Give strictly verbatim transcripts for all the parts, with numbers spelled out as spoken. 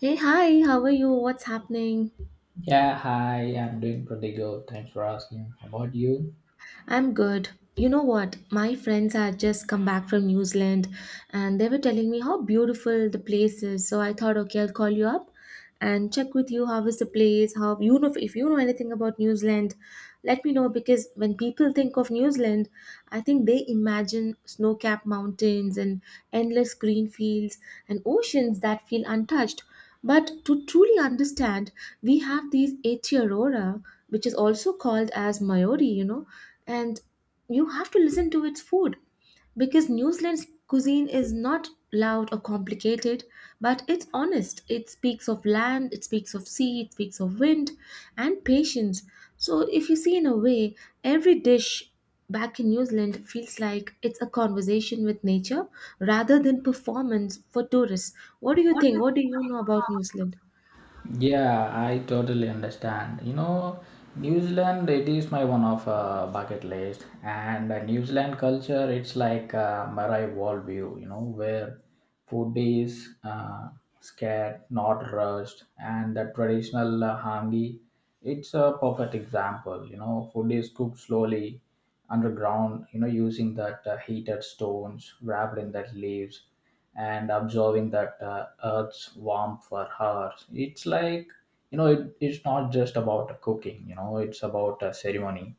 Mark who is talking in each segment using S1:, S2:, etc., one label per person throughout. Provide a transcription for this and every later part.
S1: Hey, hi, how are you? What's happening?
S2: Yeah, hi, I'm doing pretty good. Thanks for asking. How about you?
S1: I'm good. You know what? My friends had just come back from New Zealand, and they were telling me how beautiful the place is. So I thought, okay, I'll call you up and check with you how is the place, how you know if you know anything about New Zealand, let me know. Because when people think of New Zealand, I think they imagine snow-capped mountains and endless green fields and oceans that feel untouched. But to truly understand, we have these Aetiorora, which is also called as Mayori, you know, and you have to listen to its food, because New Zealand's cuisine is not loud or complicated, but it's honest. It speaks of land, it speaks of sea, it speaks of wind and patience. So, if you see, in a way, every dish back in New Zealand feels like it's a conversation with nature rather than performance for tourists. What do you think? What do you know about New Zealand?
S2: Yeah, I totally understand. You know, New Zealand, it is my one of uh, bucket list. And uh, New Zealand culture, it's like uh, Marai worldview, you know, where food is uh, scared, not rushed. And the traditional uh, hangi, it's a perfect example. You know, food is cooked slowly underground, you know, using that uh, heated stones wrapped in that leaves and observing that uh, earth's warmth for hours. It's like, you know it, it's not just about cooking. You know it's about a ceremony.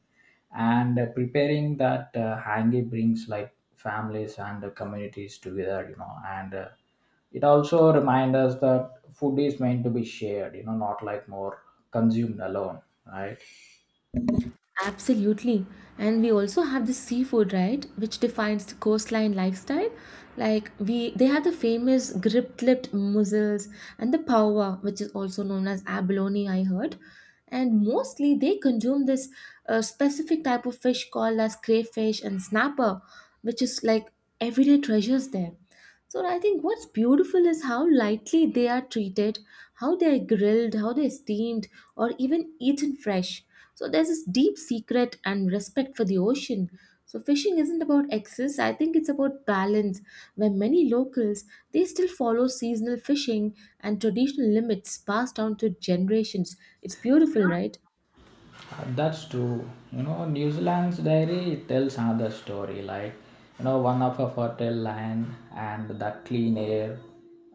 S2: And uh, preparing that uh, hangi brings like families and uh, communities together. You know and uh, it also reminds us that food is meant to be shared, you know not like more consumed alone, right.
S1: Absolutely. And we also have the seafood, right, which defines the coastline lifestyle. Like we they have the famous grip-lipped mussels and the pawa, which is also known as abalone, I heard. And mostly they consume this uh, specific type of fish called as crayfish and snapper, which is like everyday treasures there. So I think what's beautiful is how lightly they are treated, how they are grilled, how they're steamed, or even eaten fresh. So there's this deep secret and respect for the ocean. So fishing isn't about excess, I think it's about balance, where many locals, they still follow seasonal fishing and traditional limits passed down to generations. It's beautiful, right?
S2: Uh, That's true. You know, New Zealand's diary tells another story. Like, you know, one of a fertile land and the clean air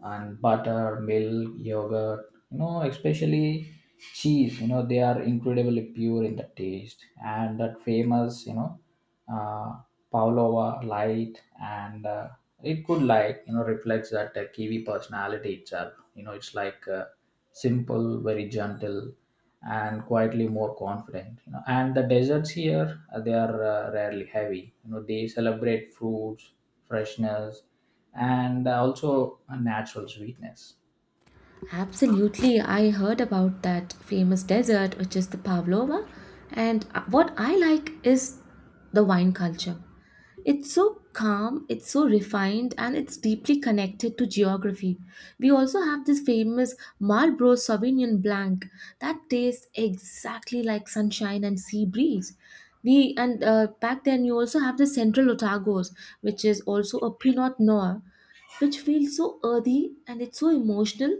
S2: and butter, milk, yogurt. You know, especially cheese. You know, they are incredibly pure in the taste. And that famous, you know, uh, Pavlova light, and uh, it could like you know reflects that uh, Kiwi personality itself. You know, it's like uh, simple, very gentle, and quietly more confident. You know, and the deserts here uh, they are uh, rarely heavy. You know, they celebrate fruits, freshness, and uh, also a natural sweetness.
S1: Absolutely. I heard about that famous desert, which is the Pavlova. And uh, what I like is the wine culture. It's so calm, it's so refined, and it's deeply connected to geography. We also have this famous Marlborough Sauvignon Blanc that tastes exactly like sunshine and sea breeze. We and uh, Back then, you also have the Central Otago's, which is also a Pinot Noir, which feels so earthy and it's so emotional.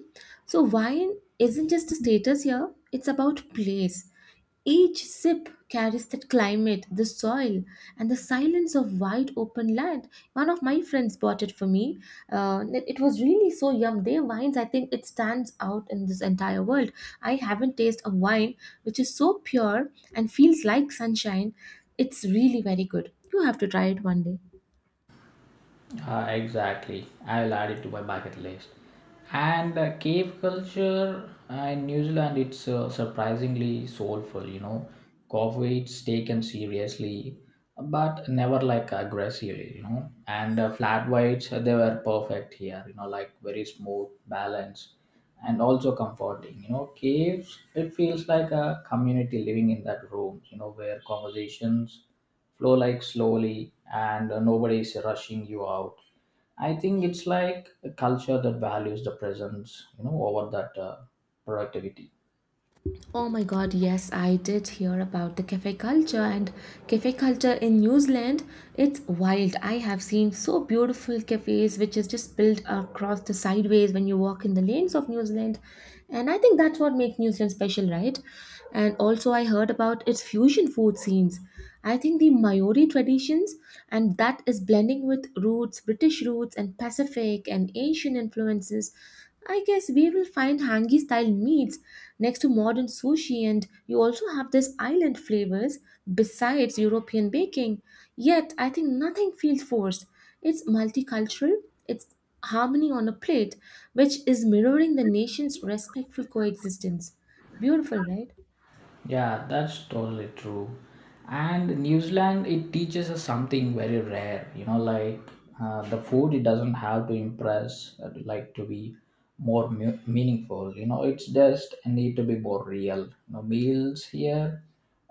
S1: So wine isn't just a status here, it's about place. Each sip carries that climate, the soil, and the silence of wide open land. One of my friends bought it for me. Uh, it it was really so yum. Their wines, I think it stands out in this entire world. I haven't tasted a wine which is so pure and feels like sunshine. It's really very good. You have to try it one day.
S2: Uh, exactly. I will add it to my bucket list. And uh, cave culture uh, in New Zealand, it's uh, surprisingly soulful, you know. Coffee, it's taken seriously, but never like aggressively, you know. And uh, flat whites, uh, they were perfect here, you know, like very smooth, balanced, and also comforting. You know, caves, it feels like a community living in that room, you know, where conversations flow like slowly and uh, nobody is rushing you out. I think it's like a culture that values the presence you know over that uh, productivity.
S1: Oh my god, yes, I did hear about the cafe culture and cafe culture in New Zealand. It's wild. I have seen so beautiful cafes, which is just built across the sideways when you walk in the lanes of New Zealand. And I think that's what makes New Zealand special, right? And also I heard about its fusion food scenes. I think the Maori traditions and that is blending with roots, British roots and Pacific and Asian influences. I guess we will find hangi style meats next to modern sushi, and you also have this island flavors besides European baking. Yet, I think nothing feels forced. It's multicultural, it's harmony on a plate, which is mirroring the nation's respectful coexistence. Beautiful, right?
S2: Yeah, that's totally true. And New Zealand, it teaches us something very rare. You know, like uh, the food, it doesn't have to impress, uh, like to be more mu- meaningful. You know, it's just need to be more real. You know, meals here,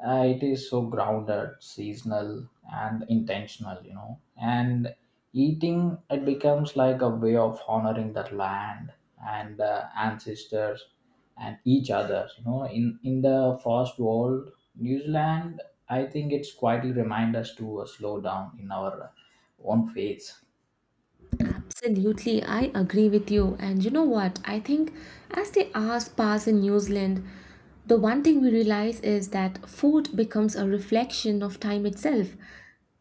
S2: uh, it is so grounded, seasonal, and intentional. You know, and eating it becomes like a way of honoring that land and uh, ancestors and each other. You know, in in the first world, New Zealand, I think it's quietly remind us to uh, slow down in our own pace.
S1: Absolutely, I agree with you. And you know what? I think as the hours pass in New Zealand, the one thing we realize is that food becomes a reflection of time itself.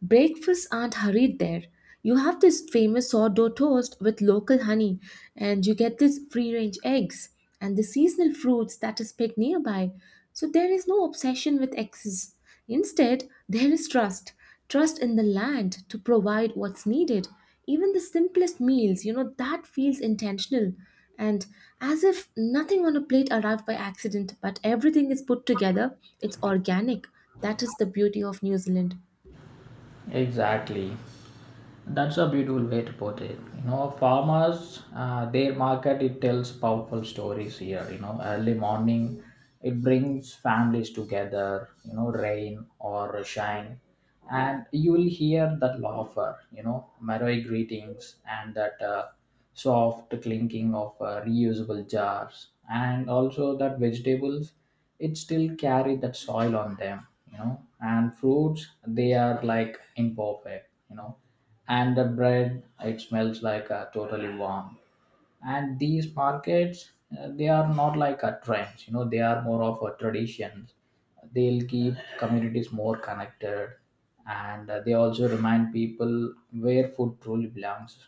S1: Breakfasts aren't hurried there. You have this famous sourdough toast with local honey, and you get these free range eggs and the seasonal fruits that is picked nearby. So there is no obsession with excess. Instead, there is trust, trust in the land to provide what's needed. Even the simplest meals, you know, that feels intentional, and as if nothing on a plate arrived by accident, but everything is put together, it's organic. That is the beauty of New Zealand.
S2: Exactly. That's a beautiful way to put it. You know, farmers, uh, their market it tells powerful stories here. You know, early morning, it brings families together. You know, rain or shine, and you will hear that laughter. You know, merry greetings and that uh, soft clinking of uh, reusable jars, and also that vegetables, it still carry that soil on them. You know, and fruits they are like imperfect. You know and the bread it smells like uh, totally warm. And these markets uh, they are not like a trends. You know they are more of a traditions. They'll keep communities more connected, and uh, they also remind people where food truly belongs.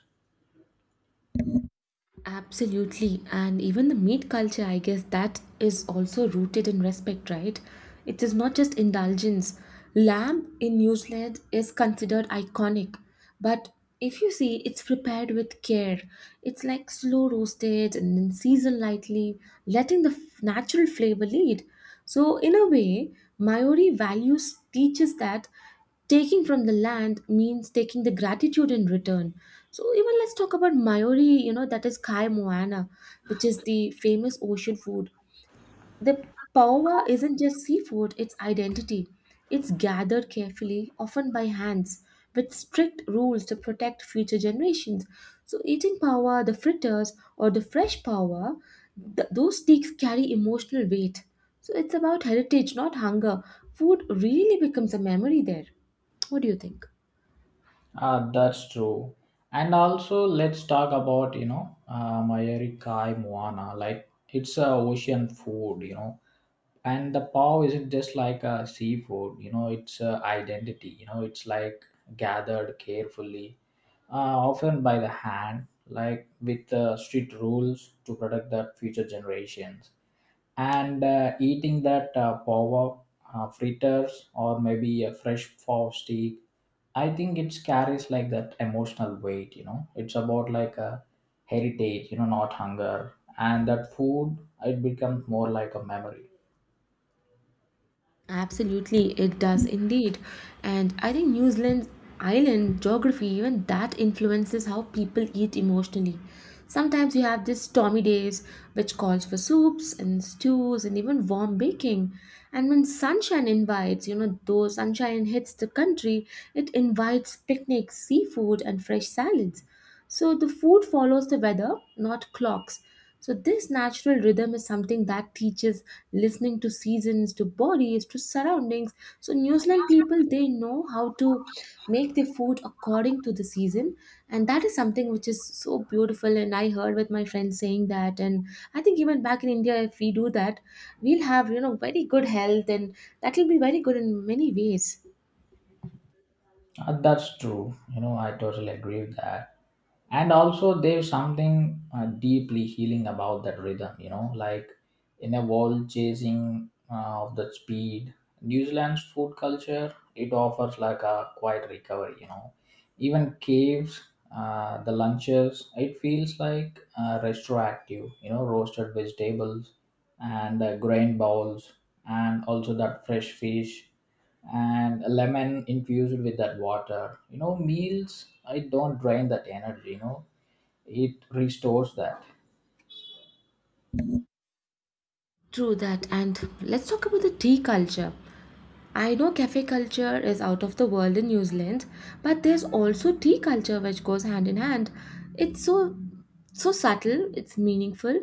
S1: Absolutely. And even the meat culture, I guess that is also rooted in respect, right? It is not just indulgence. Lamb in New Zealand is considered iconic. But if you see, it's prepared with care. It's like slow roasted and then seasoned lightly, letting the f- natural flavor lead. So, in a way, Maori values teaches that taking from the land means taking the gratitude in return. So even let's talk about Mayori, you know, that is Kai Moana, which is the famous ocean food. The paowa isn't just seafood, it's identity. It's gathered carefully, often by hands, with strict rules to protect future generations. So, eating paowa, the fritters, or the fresh paowa, th- those steaks carry emotional weight. So, it's about heritage, not hunger. Food really becomes a memory there. What do you think?
S2: ah That's true. And also let's talk about you know uh, mayari kai moana. Like, it's a ocean food. You know and the pav isn't just like a seafood. You know it's a identity. You know it's like gathered carefully, uh, often by the hand, like with uh, strict rules to protect the future generations. And uh, eating that uh, pav, uh, fritters or maybe a fresh pav steak, I think it carries like that emotional weight. You know it's about like a heritage, you know not hunger. And that food, it becomes more like a memory.
S1: Absolutely, it does indeed. And I think New Zealand's island geography, even that influences how people eat emotionally. Sometimes you have these stormy days, which calls for soups and stews and even warm baking. And when sunshine invites, you know, though sunshine hits the country, it invites picnics, seafood, and fresh salads. So the food follows the weather, not clocks. So this natural rhythm is something that teaches listening to seasons, to bodies, to surroundings. So New Zealand people, they know how to make their food according to the season, and that is something which is so beautiful. And I heard with my friends saying that, and I think even back in India, if we do that, we'll have, you know, very good health, and that will be very good in many ways.
S2: Uh, that's true. You know, I totally agree with that. And also, there's something uh, deeply healing about that rhythm. You know, like in a world chasing uh, of the speed, New Zealand's food culture it offers like a quiet recovery. You know, even caves, uh, the lunches, it feels like uh, retroactive. You know, roasted vegetables and uh, grain bowls, and also that fresh fish and a lemon infused with that water. You know, meals, I don't drain that energy, you know, it restores that.
S1: True that. And let's talk about the tea culture. I know cafe culture is out of the world in New Zealand, but there's also tea culture which goes hand in hand. It's so so subtle, it's meaningful.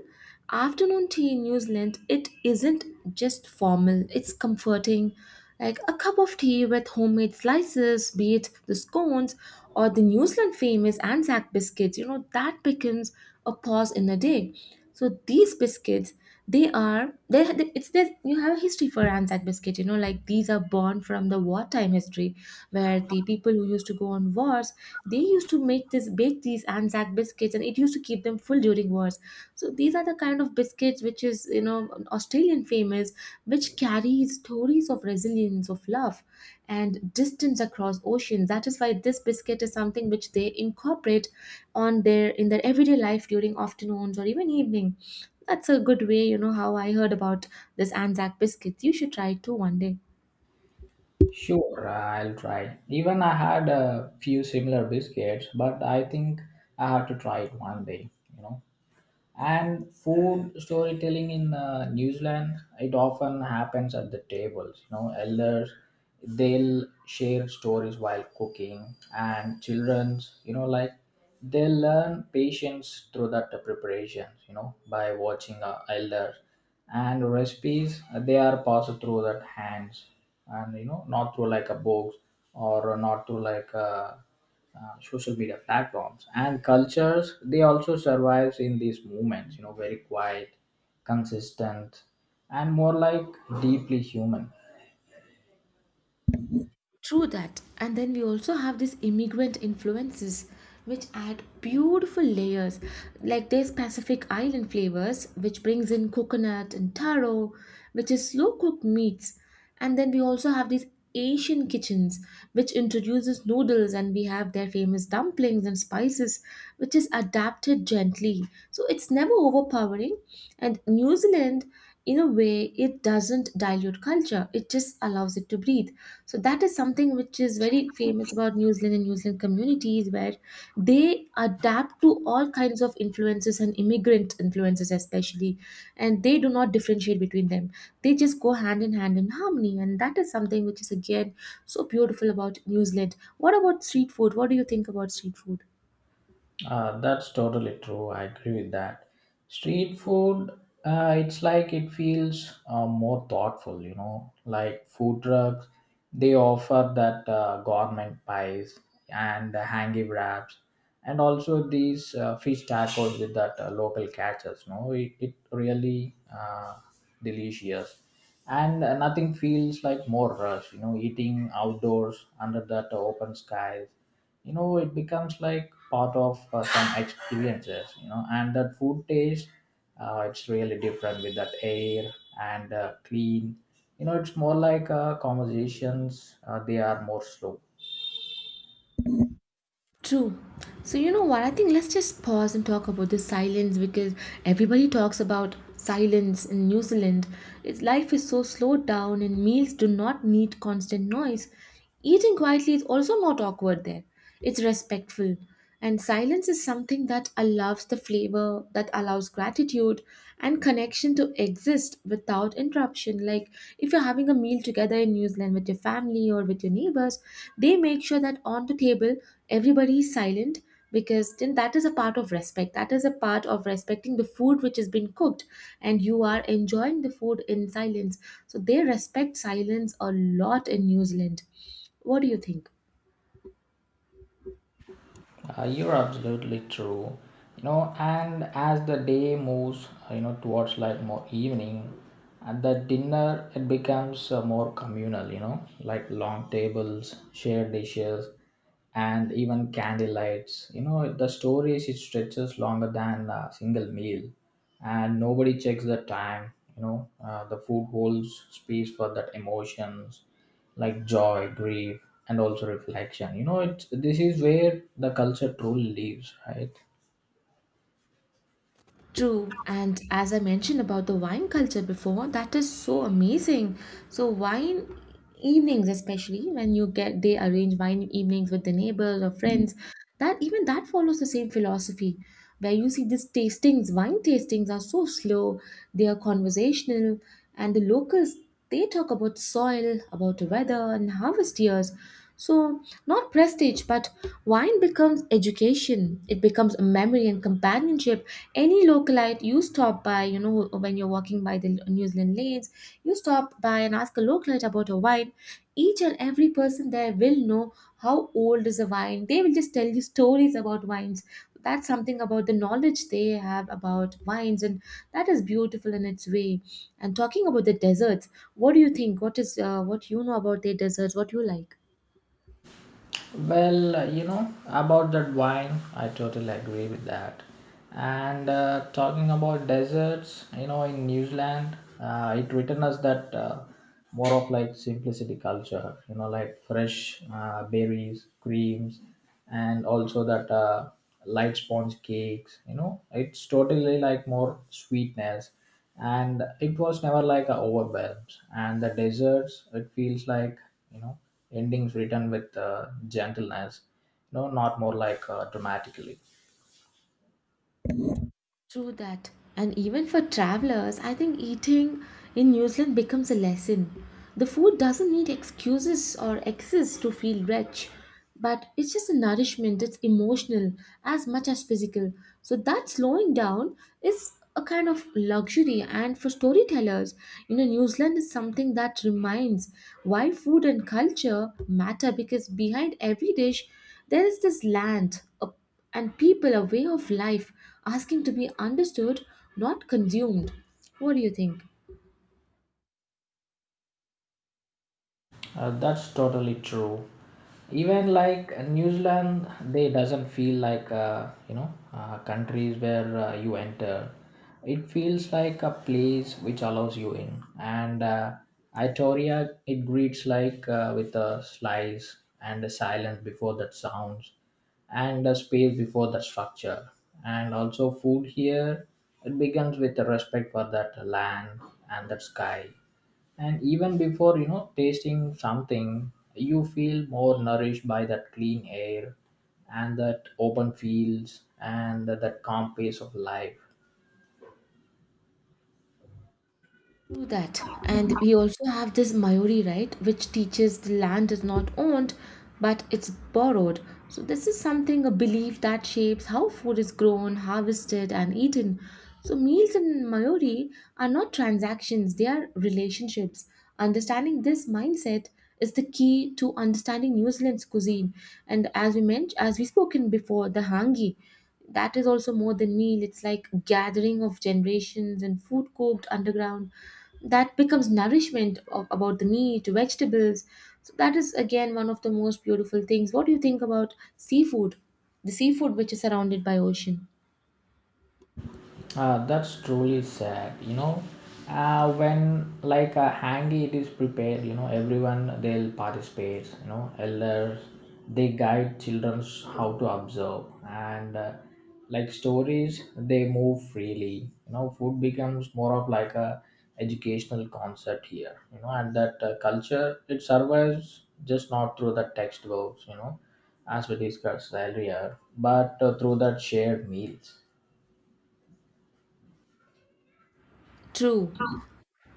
S1: Afternoon tea in New Zealand, it isn't just formal, it's comforting. Like a cup of tea with homemade slices, be it the scones or the New Zealand famous Anzac biscuits, you know, that becomes a pause in the day. So these biscuits, they are they it's this, you have a history for anzac biscuit, you know, like these are born from the wartime history, where the people who used to go on wars, they used to make this bake these anzac biscuits, and it used to keep them full during wars. So these are the kind of biscuits which is, you know, australian famous, which carry stories of resilience, of love, and distance across oceans. That is why this biscuit is something which they incorporate on their in their everyday life during afternoons or even evening. That's a good way, you know, how I heard about this Anzac biscuits. You should try it too one day.
S2: Sure, I'll try. Even I had a few similar biscuits, but I think I have to try it one day, you know. And food storytelling in uh, New Zealand, it often happens at the tables. You know, elders, they'll share stories while cooking, and childrens, you know, like they learn patience through that preparation. You know, by watching uh, elders and recipes, uh, they are passed through that hands, and you know, not through like a book or not through like a uh, social media platforms. And cultures they also survives in these movements, you know very quiet, consistent, and more like deeply human.
S1: True that. And then we also have these immigrant influences which add beautiful layers. Like there's Pacific Island flavors, which brings in coconut and taro, which is slow cooked meats. And then we also have these Asian kitchens, which introduces noodles, and we have their famous dumplings and spices, which is adapted gently. So it's never overpowering. And New Zealand, in a way, it doesn't dilute culture, it just allows it to breathe. So that is something which is very famous about New Zealand and New Zealand communities, where they adapt to all kinds of influences and immigrant influences especially, and they do not differentiate between them. They just go hand in hand in harmony, and that is something which is again so beautiful about New Zealand. What about street food? What do you think about street food?
S2: Uh, that's totally true. I agree with that. Street food, uh, it's like it feels uh, more thoughtful, you know, like food trucks, they offer that uh, gourmet pies and the hangi wraps and also these uh, fish tacos with that uh, local catches, no? It, it really uh, delicious. And uh, nothing feels like more rush, you know, eating outdoors under that open skies. You know it becomes like part of uh, some experiences. You know and that food taste, uh, it's really different with that air and uh, clean. You know it's more like uh, conversations, uh, they are more slow.
S1: True. So, you know what? I think let's just pause and talk about the silence, because everybody talks about silence in New Zealand. It's, life is so slowed down, and meals do not need constant noise. Eating quietly is also not awkward there, it's respectful. And silence is something that allows the flavor, that allows gratitude and connection to exist without interruption. Like if you're having a meal together in New Zealand with your family or with your neighbors, they make sure that on the table everybody is silent, because then that is a part of respect. That is a part of respecting the food which has been cooked, and you are enjoying the food in silence. So they respect silence a lot in New Zealand. What do you think?
S2: Uh, you're absolutely true. You know, and as the day moves, uh, you know, towards like more evening, at the dinner it becomes uh, more communal. You know, like long tables, shared dishes, and even candle lights. You know, the stories it stretches longer than a single meal, and nobody checks the time. You know, uh, the food holds space for that emotions like joy, grief, and also reflection. You know, it this is where the culture truly lives, right?
S1: True, and as I mentioned about the wine culture before, that is so amazing. So wine evenings, especially when you get, they arrange wine evenings with the neighbors or friends, that even that follows the same philosophy, where you see these tastings, wine tastings are so slow, they are conversational, and the locals, they talk about soil, about weather and harvest years. So not prestige, but wine becomes education. It becomes a memory and companionship. Any localite you stop by, you know, when you're walking by the New Zealand lanes, you stop by and ask a localite about a wine, each and every person there will know how old is a wine. They will just tell you stories about wines. That's something about the knowledge they have about wines, and that is beautiful in its way. And talking about the deserts, what do you think, what is uh, what you know about their deserts, what you like?
S2: Well, you know, about that wine, I totally agree with that. And uh, talking about deserts, you know, in New Zealand, uh, it written us that uh, more of like simplicity culture, you know, like fresh uh, berries, creams, and also that uh, light sponge cakes, you know, it's totally like more sweetness. And it was never like a overwhelmed. And the deserts it feels like, you know endings written with uh, gentleness. No, not more like uh, dramatically.
S1: True that. And even for travelers, I think eating in New Zealand becomes a lesson. The food doesn't need excuses or excess to feel rich, but it's just a nourishment that's emotional as much as physical. So that slowing down is a kind of luxury, and for storytellers, you know, New Zealand is something that reminds why food and culture matter, because behind every dish there is this land, a and people, a way of life asking to be understood, not consumed. What do you think?
S2: Uh, that's totally true. Even like New Zealand, they doesn't feel like uh, you know uh, countries where uh, you enter. It feels like a place which allows you in, and uh, Itoria it greets like uh, with a slice and a silence before that sounds, and a space before the structure, and also food here. It begins with a respect for that land and that sky and even before you know tasting something you feel more nourished by that clean air and that open fields and that, that calm pace of life.
S1: Do that. And we also have this Mayori, right, which teaches the land is not owned but it's borrowed. So, this is something, a belief that shapes how food is grown, harvested, and eaten. So, meals in Mayori are not transactions, they are relationships. Understanding this mindset is the key to understanding New Zealand's cuisine. And as we mentioned, as we spoken before, the hangi. That is also more than meal. It's like gathering of generations and food cooked underground. That becomes nourishment of, about the meat, vegetables. So that is again one of the most beautiful things. What do you think about seafood? The seafood which is surrounded by ocean.
S2: Uh, that's truly sad. You know, uh, when like a hangi it is prepared, you know, everyone they'll participate. You know, elders they guide childrens how to observe, and uh, like stories they move freely. You know, food becomes more of like a educational concept here. You know, and that uh, culture it survives just not through the textbooks. You know, as we discussed earlier, but uh, through that shared meals.
S1: True.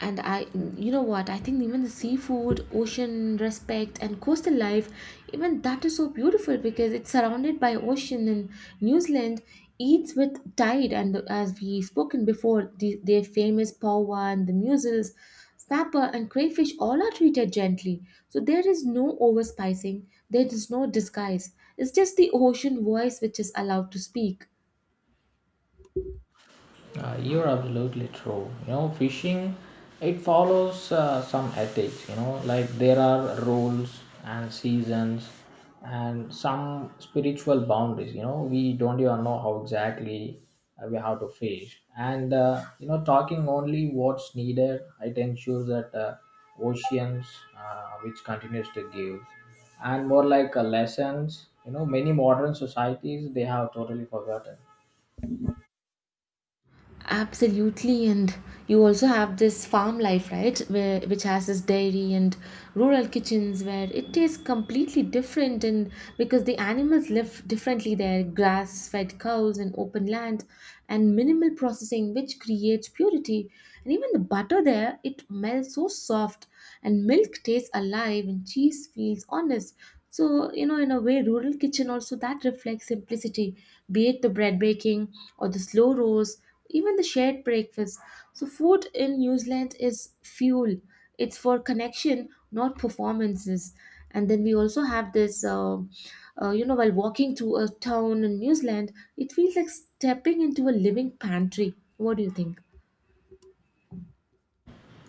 S1: and i you know what I think, even the seafood, ocean respect and coastal life, even that is so beautiful because it's surrounded by ocean. And New Zealand eats with tide, and as we spoken before, the, their famous pawa and the mussels, snapper and crayfish all are treated gently. So there is no overspicing, there is no disguise. It's just the ocean voice which is allowed to speak.
S2: Uh, you're absolutely true. You know, fishing it follows uh, some ethics. You know, like there are rules and seasons and some spiritual boundaries. You know, we don't even know how exactly uh, we have to fish. And uh, you know, talking only what's needed, it ensures that uh, oceans uh, which continues to give and more like uh, lessons. You know, many modern societies they have totally forgotten.
S1: Absolutely, and you also have this farm life, right? Where which has this dairy and rural kitchens where it is completely different, and because the animals live differently there, grass-fed cows and open land, and minimal processing, which creates purity. And even the butter there, it melts so soft, and milk tastes alive, and cheese feels honest. So, you know, in a way, rural kitchen also that reflects simplicity, be it the bread baking or the slow roast, even the shared breakfast. So, food in New Zealand is fuel, it's for connection, not performances. And then we also have this, uh, uh, you know, while walking through a town in New Zealand, it feels like stepping into a living pantry. What do you think?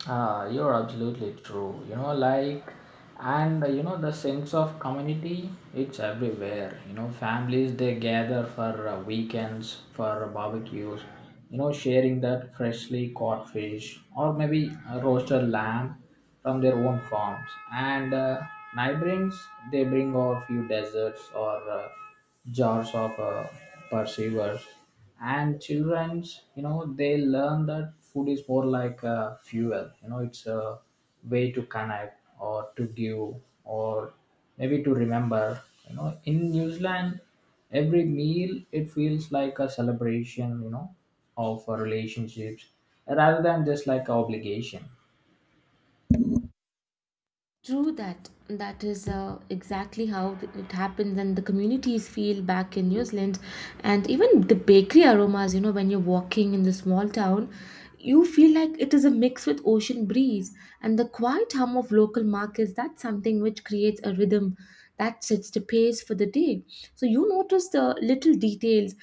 S2: Ah, you're absolutely true. You know, like, and uh, you know, the sense of community, it's everywhere. You know, families they gather for uh, weekends, for barbecues, you know, sharing that freshly caught fish or maybe a roasted lamb from their own farms. And uh, neighborings they bring a few desserts or uh, jars of uh, perceivers. And children's you know they learn that food is more like uh, fuel. You know it's a way to connect or to give or maybe to remember. You know in New Zealand every meal it feels like a celebration, you know of uh, relationships rather than just like an obligation.
S1: True that. That is uh, exactly how it happens, and the communities feel back in New Zealand, and even the bakery aromas. You know, when you're walking in the small town, you feel like it is a mix with ocean breeze and the quiet hum of local markets. That's something which creates a rhythm that sets the pace for the day. So you notice the little details,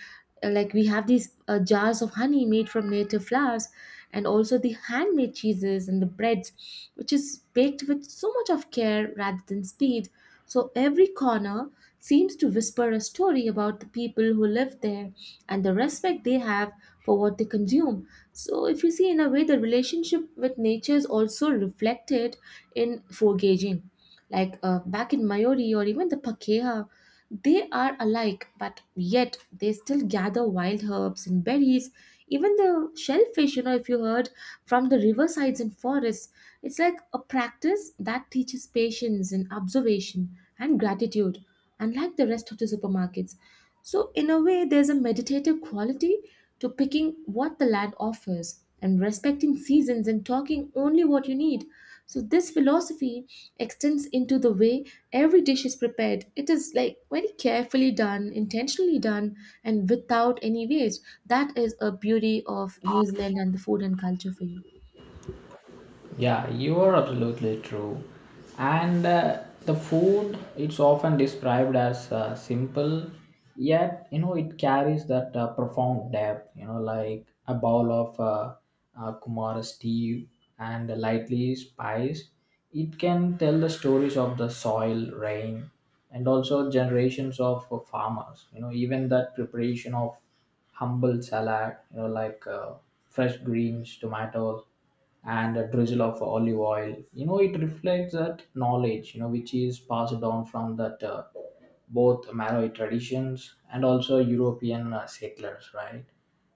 S1: uh, like we have these uh, jars of honey made from native flowers, and also the handmade cheeses and the breads which is baked with so much of care rather than speed. So every corner seems to whisper a story about the people who live there and the respect they have for what they consume. So if you see, in a way the relationship with nature is also reflected in foraging, like uh, back in Mayori or even the Pakeha, they are alike, but yet they still gather wild herbs and berries, even the shellfish, you know, if you heard, from the riversides and forests. It's like a practice that teaches patience and observation and gratitude, unlike the rest of the supermarkets. So, in a way, there's a meditative quality to picking what the land offers and respecting seasons and talking only what you need. So, this philosophy extends into the way every dish is prepared. It is like very carefully done, intentionally done, and without any waste. That is a beauty of New Zealand and the food and culture for you.
S2: Yeah, you are absolutely true. And uh, the food, it's often described as uh, simple, yet you know it carries that uh, profound depth. You know, like a bowl of uh, uh, Kumara stew and lightly spiced, it can tell the stories of the soil, rain, and also generations of uh, farmers. You know, even that preparation of humble salad. You know, like uh, fresh greens, tomatoes and a drizzle of olive oil. You know it reflects that knowledge, you know which is passed down from that uh, both Malay traditions and also European uh, settlers, right.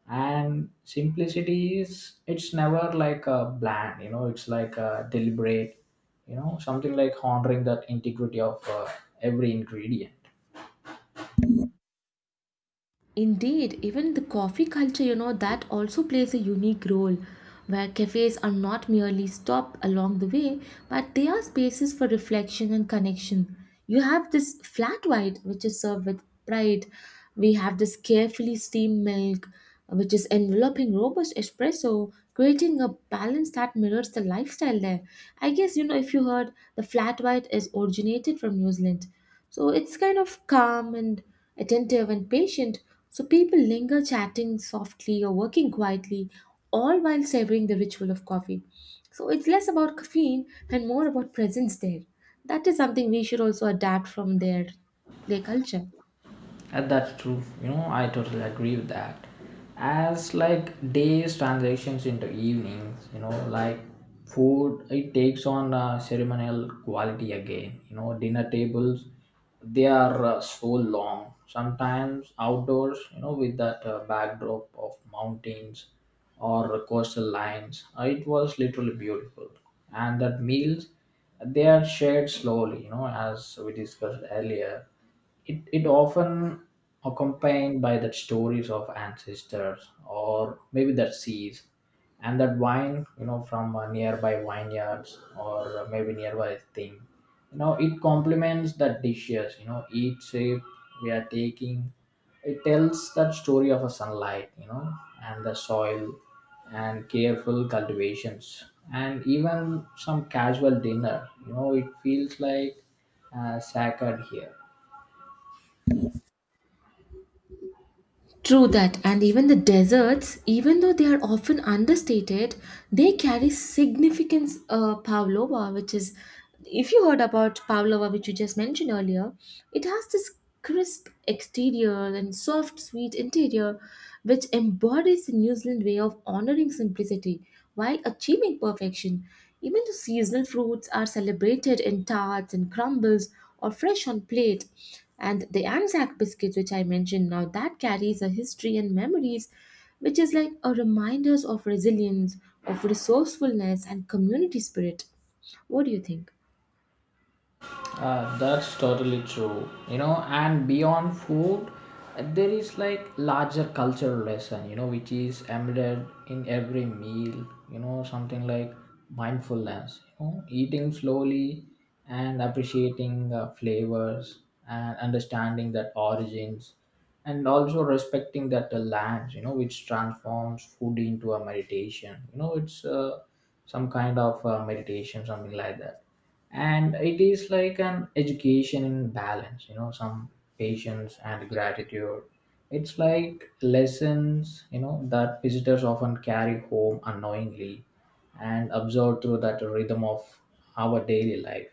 S2: And simplicity is, it's never like a bland. You know it's like a deliberate, you know something like honoring that integrity of uh, every ingredient.
S1: Indeed, even the coffee culture, you know, that also plays a unique role where cafes are not merely stop along the way, but they are spaces for reflection and connection. You have this flat white, which is served with pride. We have this carefully steamed milk, which is enveloping robust espresso, creating a balance that mirrors the lifestyle there. I guess, you know, if you heard, the flat white is originated from New Zealand, so it's kind of calm and attentive and patient. So people linger chatting softly or working quietly, all while savoring the ritual of coffee. So it's less about caffeine and more about presence there. That is something we should also adapt from their their culture.
S2: Uh, that's true. You know, I totally agree with that. As like days transitions into evenings, you know, like food, it takes on uh, ceremonial quality again. You know, dinner tables, they are uh, so long. Sometimes outdoors, you know, with that uh, backdrop of mountains or coastal lines, uh, it was literally beautiful. And that meals, they are shared slowly, you know, as we discussed earlier, it, it often accompanied by the stories of ancestors or maybe that seas and that wine, you know from uh, nearby vineyards or uh, maybe nearby thing. You know it complements the dishes, you know each shape we are taking, it tells that story of a sunlight, you know and the soil and careful cultivations. And even some casual dinner, you know it feels like uh, sacred here.
S1: True that, and even the deserts, even though they are often understated, they carry significance. Uh, pavlova, which is, if you heard about pavlova, which you just mentioned earlier, it has this crisp exterior and soft, sweet interior, which embodies the New Zealand way of honoring simplicity while achieving perfection. Even the seasonal fruits are celebrated in tarts and crumbles or fresh on plate. And the Anzac biscuits, which I mentioned now, that carries a history and memories, which is like a reminders of resilience, of resourcefulness and community spirit. What do you think?
S2: Uh, that's totally true. You know, and beyond food, uh, there is like larger cultural lesson, you know, which is embedded in every meal, you know, something like mindfulness, you know, eating slowly and appreciating uh, flavors and understanding that origins and also respecting that the lands, you know, which transforms food into a meditation. You know, it's uh, some kind of uh, meditation, something like that. And it is like an education in balance, you know some patience and gratitude. It's like lessons, you know that visitors often carry home unknowingly and absorb through that rhythm of our daily life.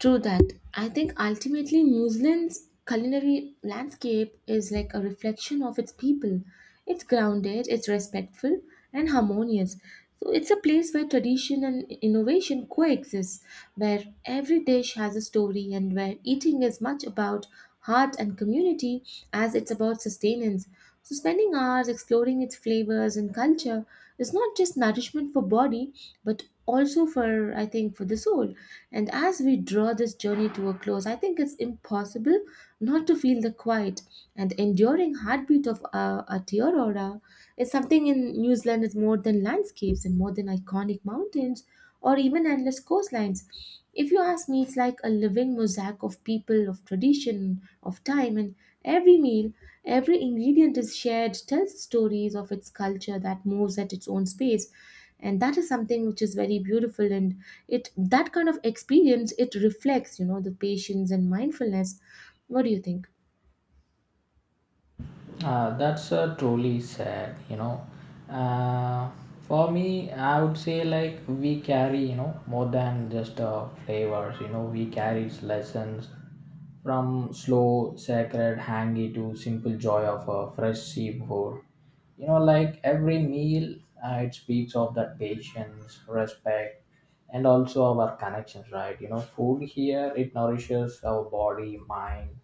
S1: True that. I think ultimately New Zealand's culinary landscape is like a reflection of its people. It's grounded, it's respectful, and harmonious. So it's a place where tradition and innovation coexist, where every dish has a story, and where eating is much about heart and community as it's about sustenance. So spending hours exploring its flavors and culture is not just nourishment for body but also for, I think, for the soul. And as we draw this journey to a close, I think it's impossible not to feel the quiet and enduring heartbeat of uh, Aotearoa. Is something in New Zealand is more than landscapes and more than iconic mountains or even endless coastlines. If you ask me, it's like a living mosaic of people, of tradition, of time, and every meal, every ingredient is shared, tells stories of its culture that moves at its own space. And that is something which is very beautiful, and it that kind of experience it reflects, you know, the patience and mindfulness. What do you think?
S2: Uh, that's uh, truly sad, you know. Uh, for me, I would say like we carry, you know, more than just uh, flavors. You know, we carry lessons From slow, sacred hangi to simple joy of a fresh seafood. You know, like every meal, uh, it speaks of that patience, respect, and also our connections, right? You know, food here, it nourishes our body, mind,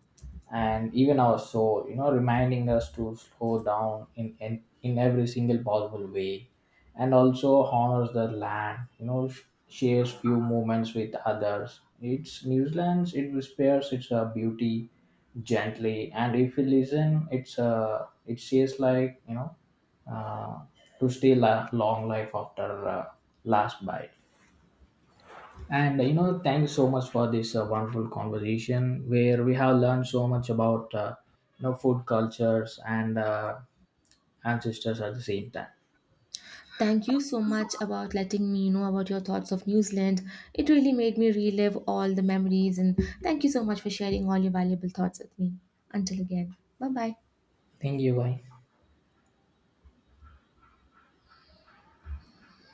S2: and even our soul, you know, reminding us to slow down in, in, in every single possible way, and also honors the land. You know sh- shares few moments with others. It's New Zealand, it spares its uh, beauty gently. And if you listen, it's uh, it says like, you know uh, to stay la- long life after uh, last bite. And you know, thank you so much for this uh, wonderful conversation where we have learned so much about uh, you know food cultures and uh, ancestors at the same time.
S1: Thank you so much about letting me know about your thoughts of New Zealand. It really made me relive all the memories, and thank you so much for sharing all your valuable thoughts with me. Until again. Bye bye.
S2: Thank you. Bye.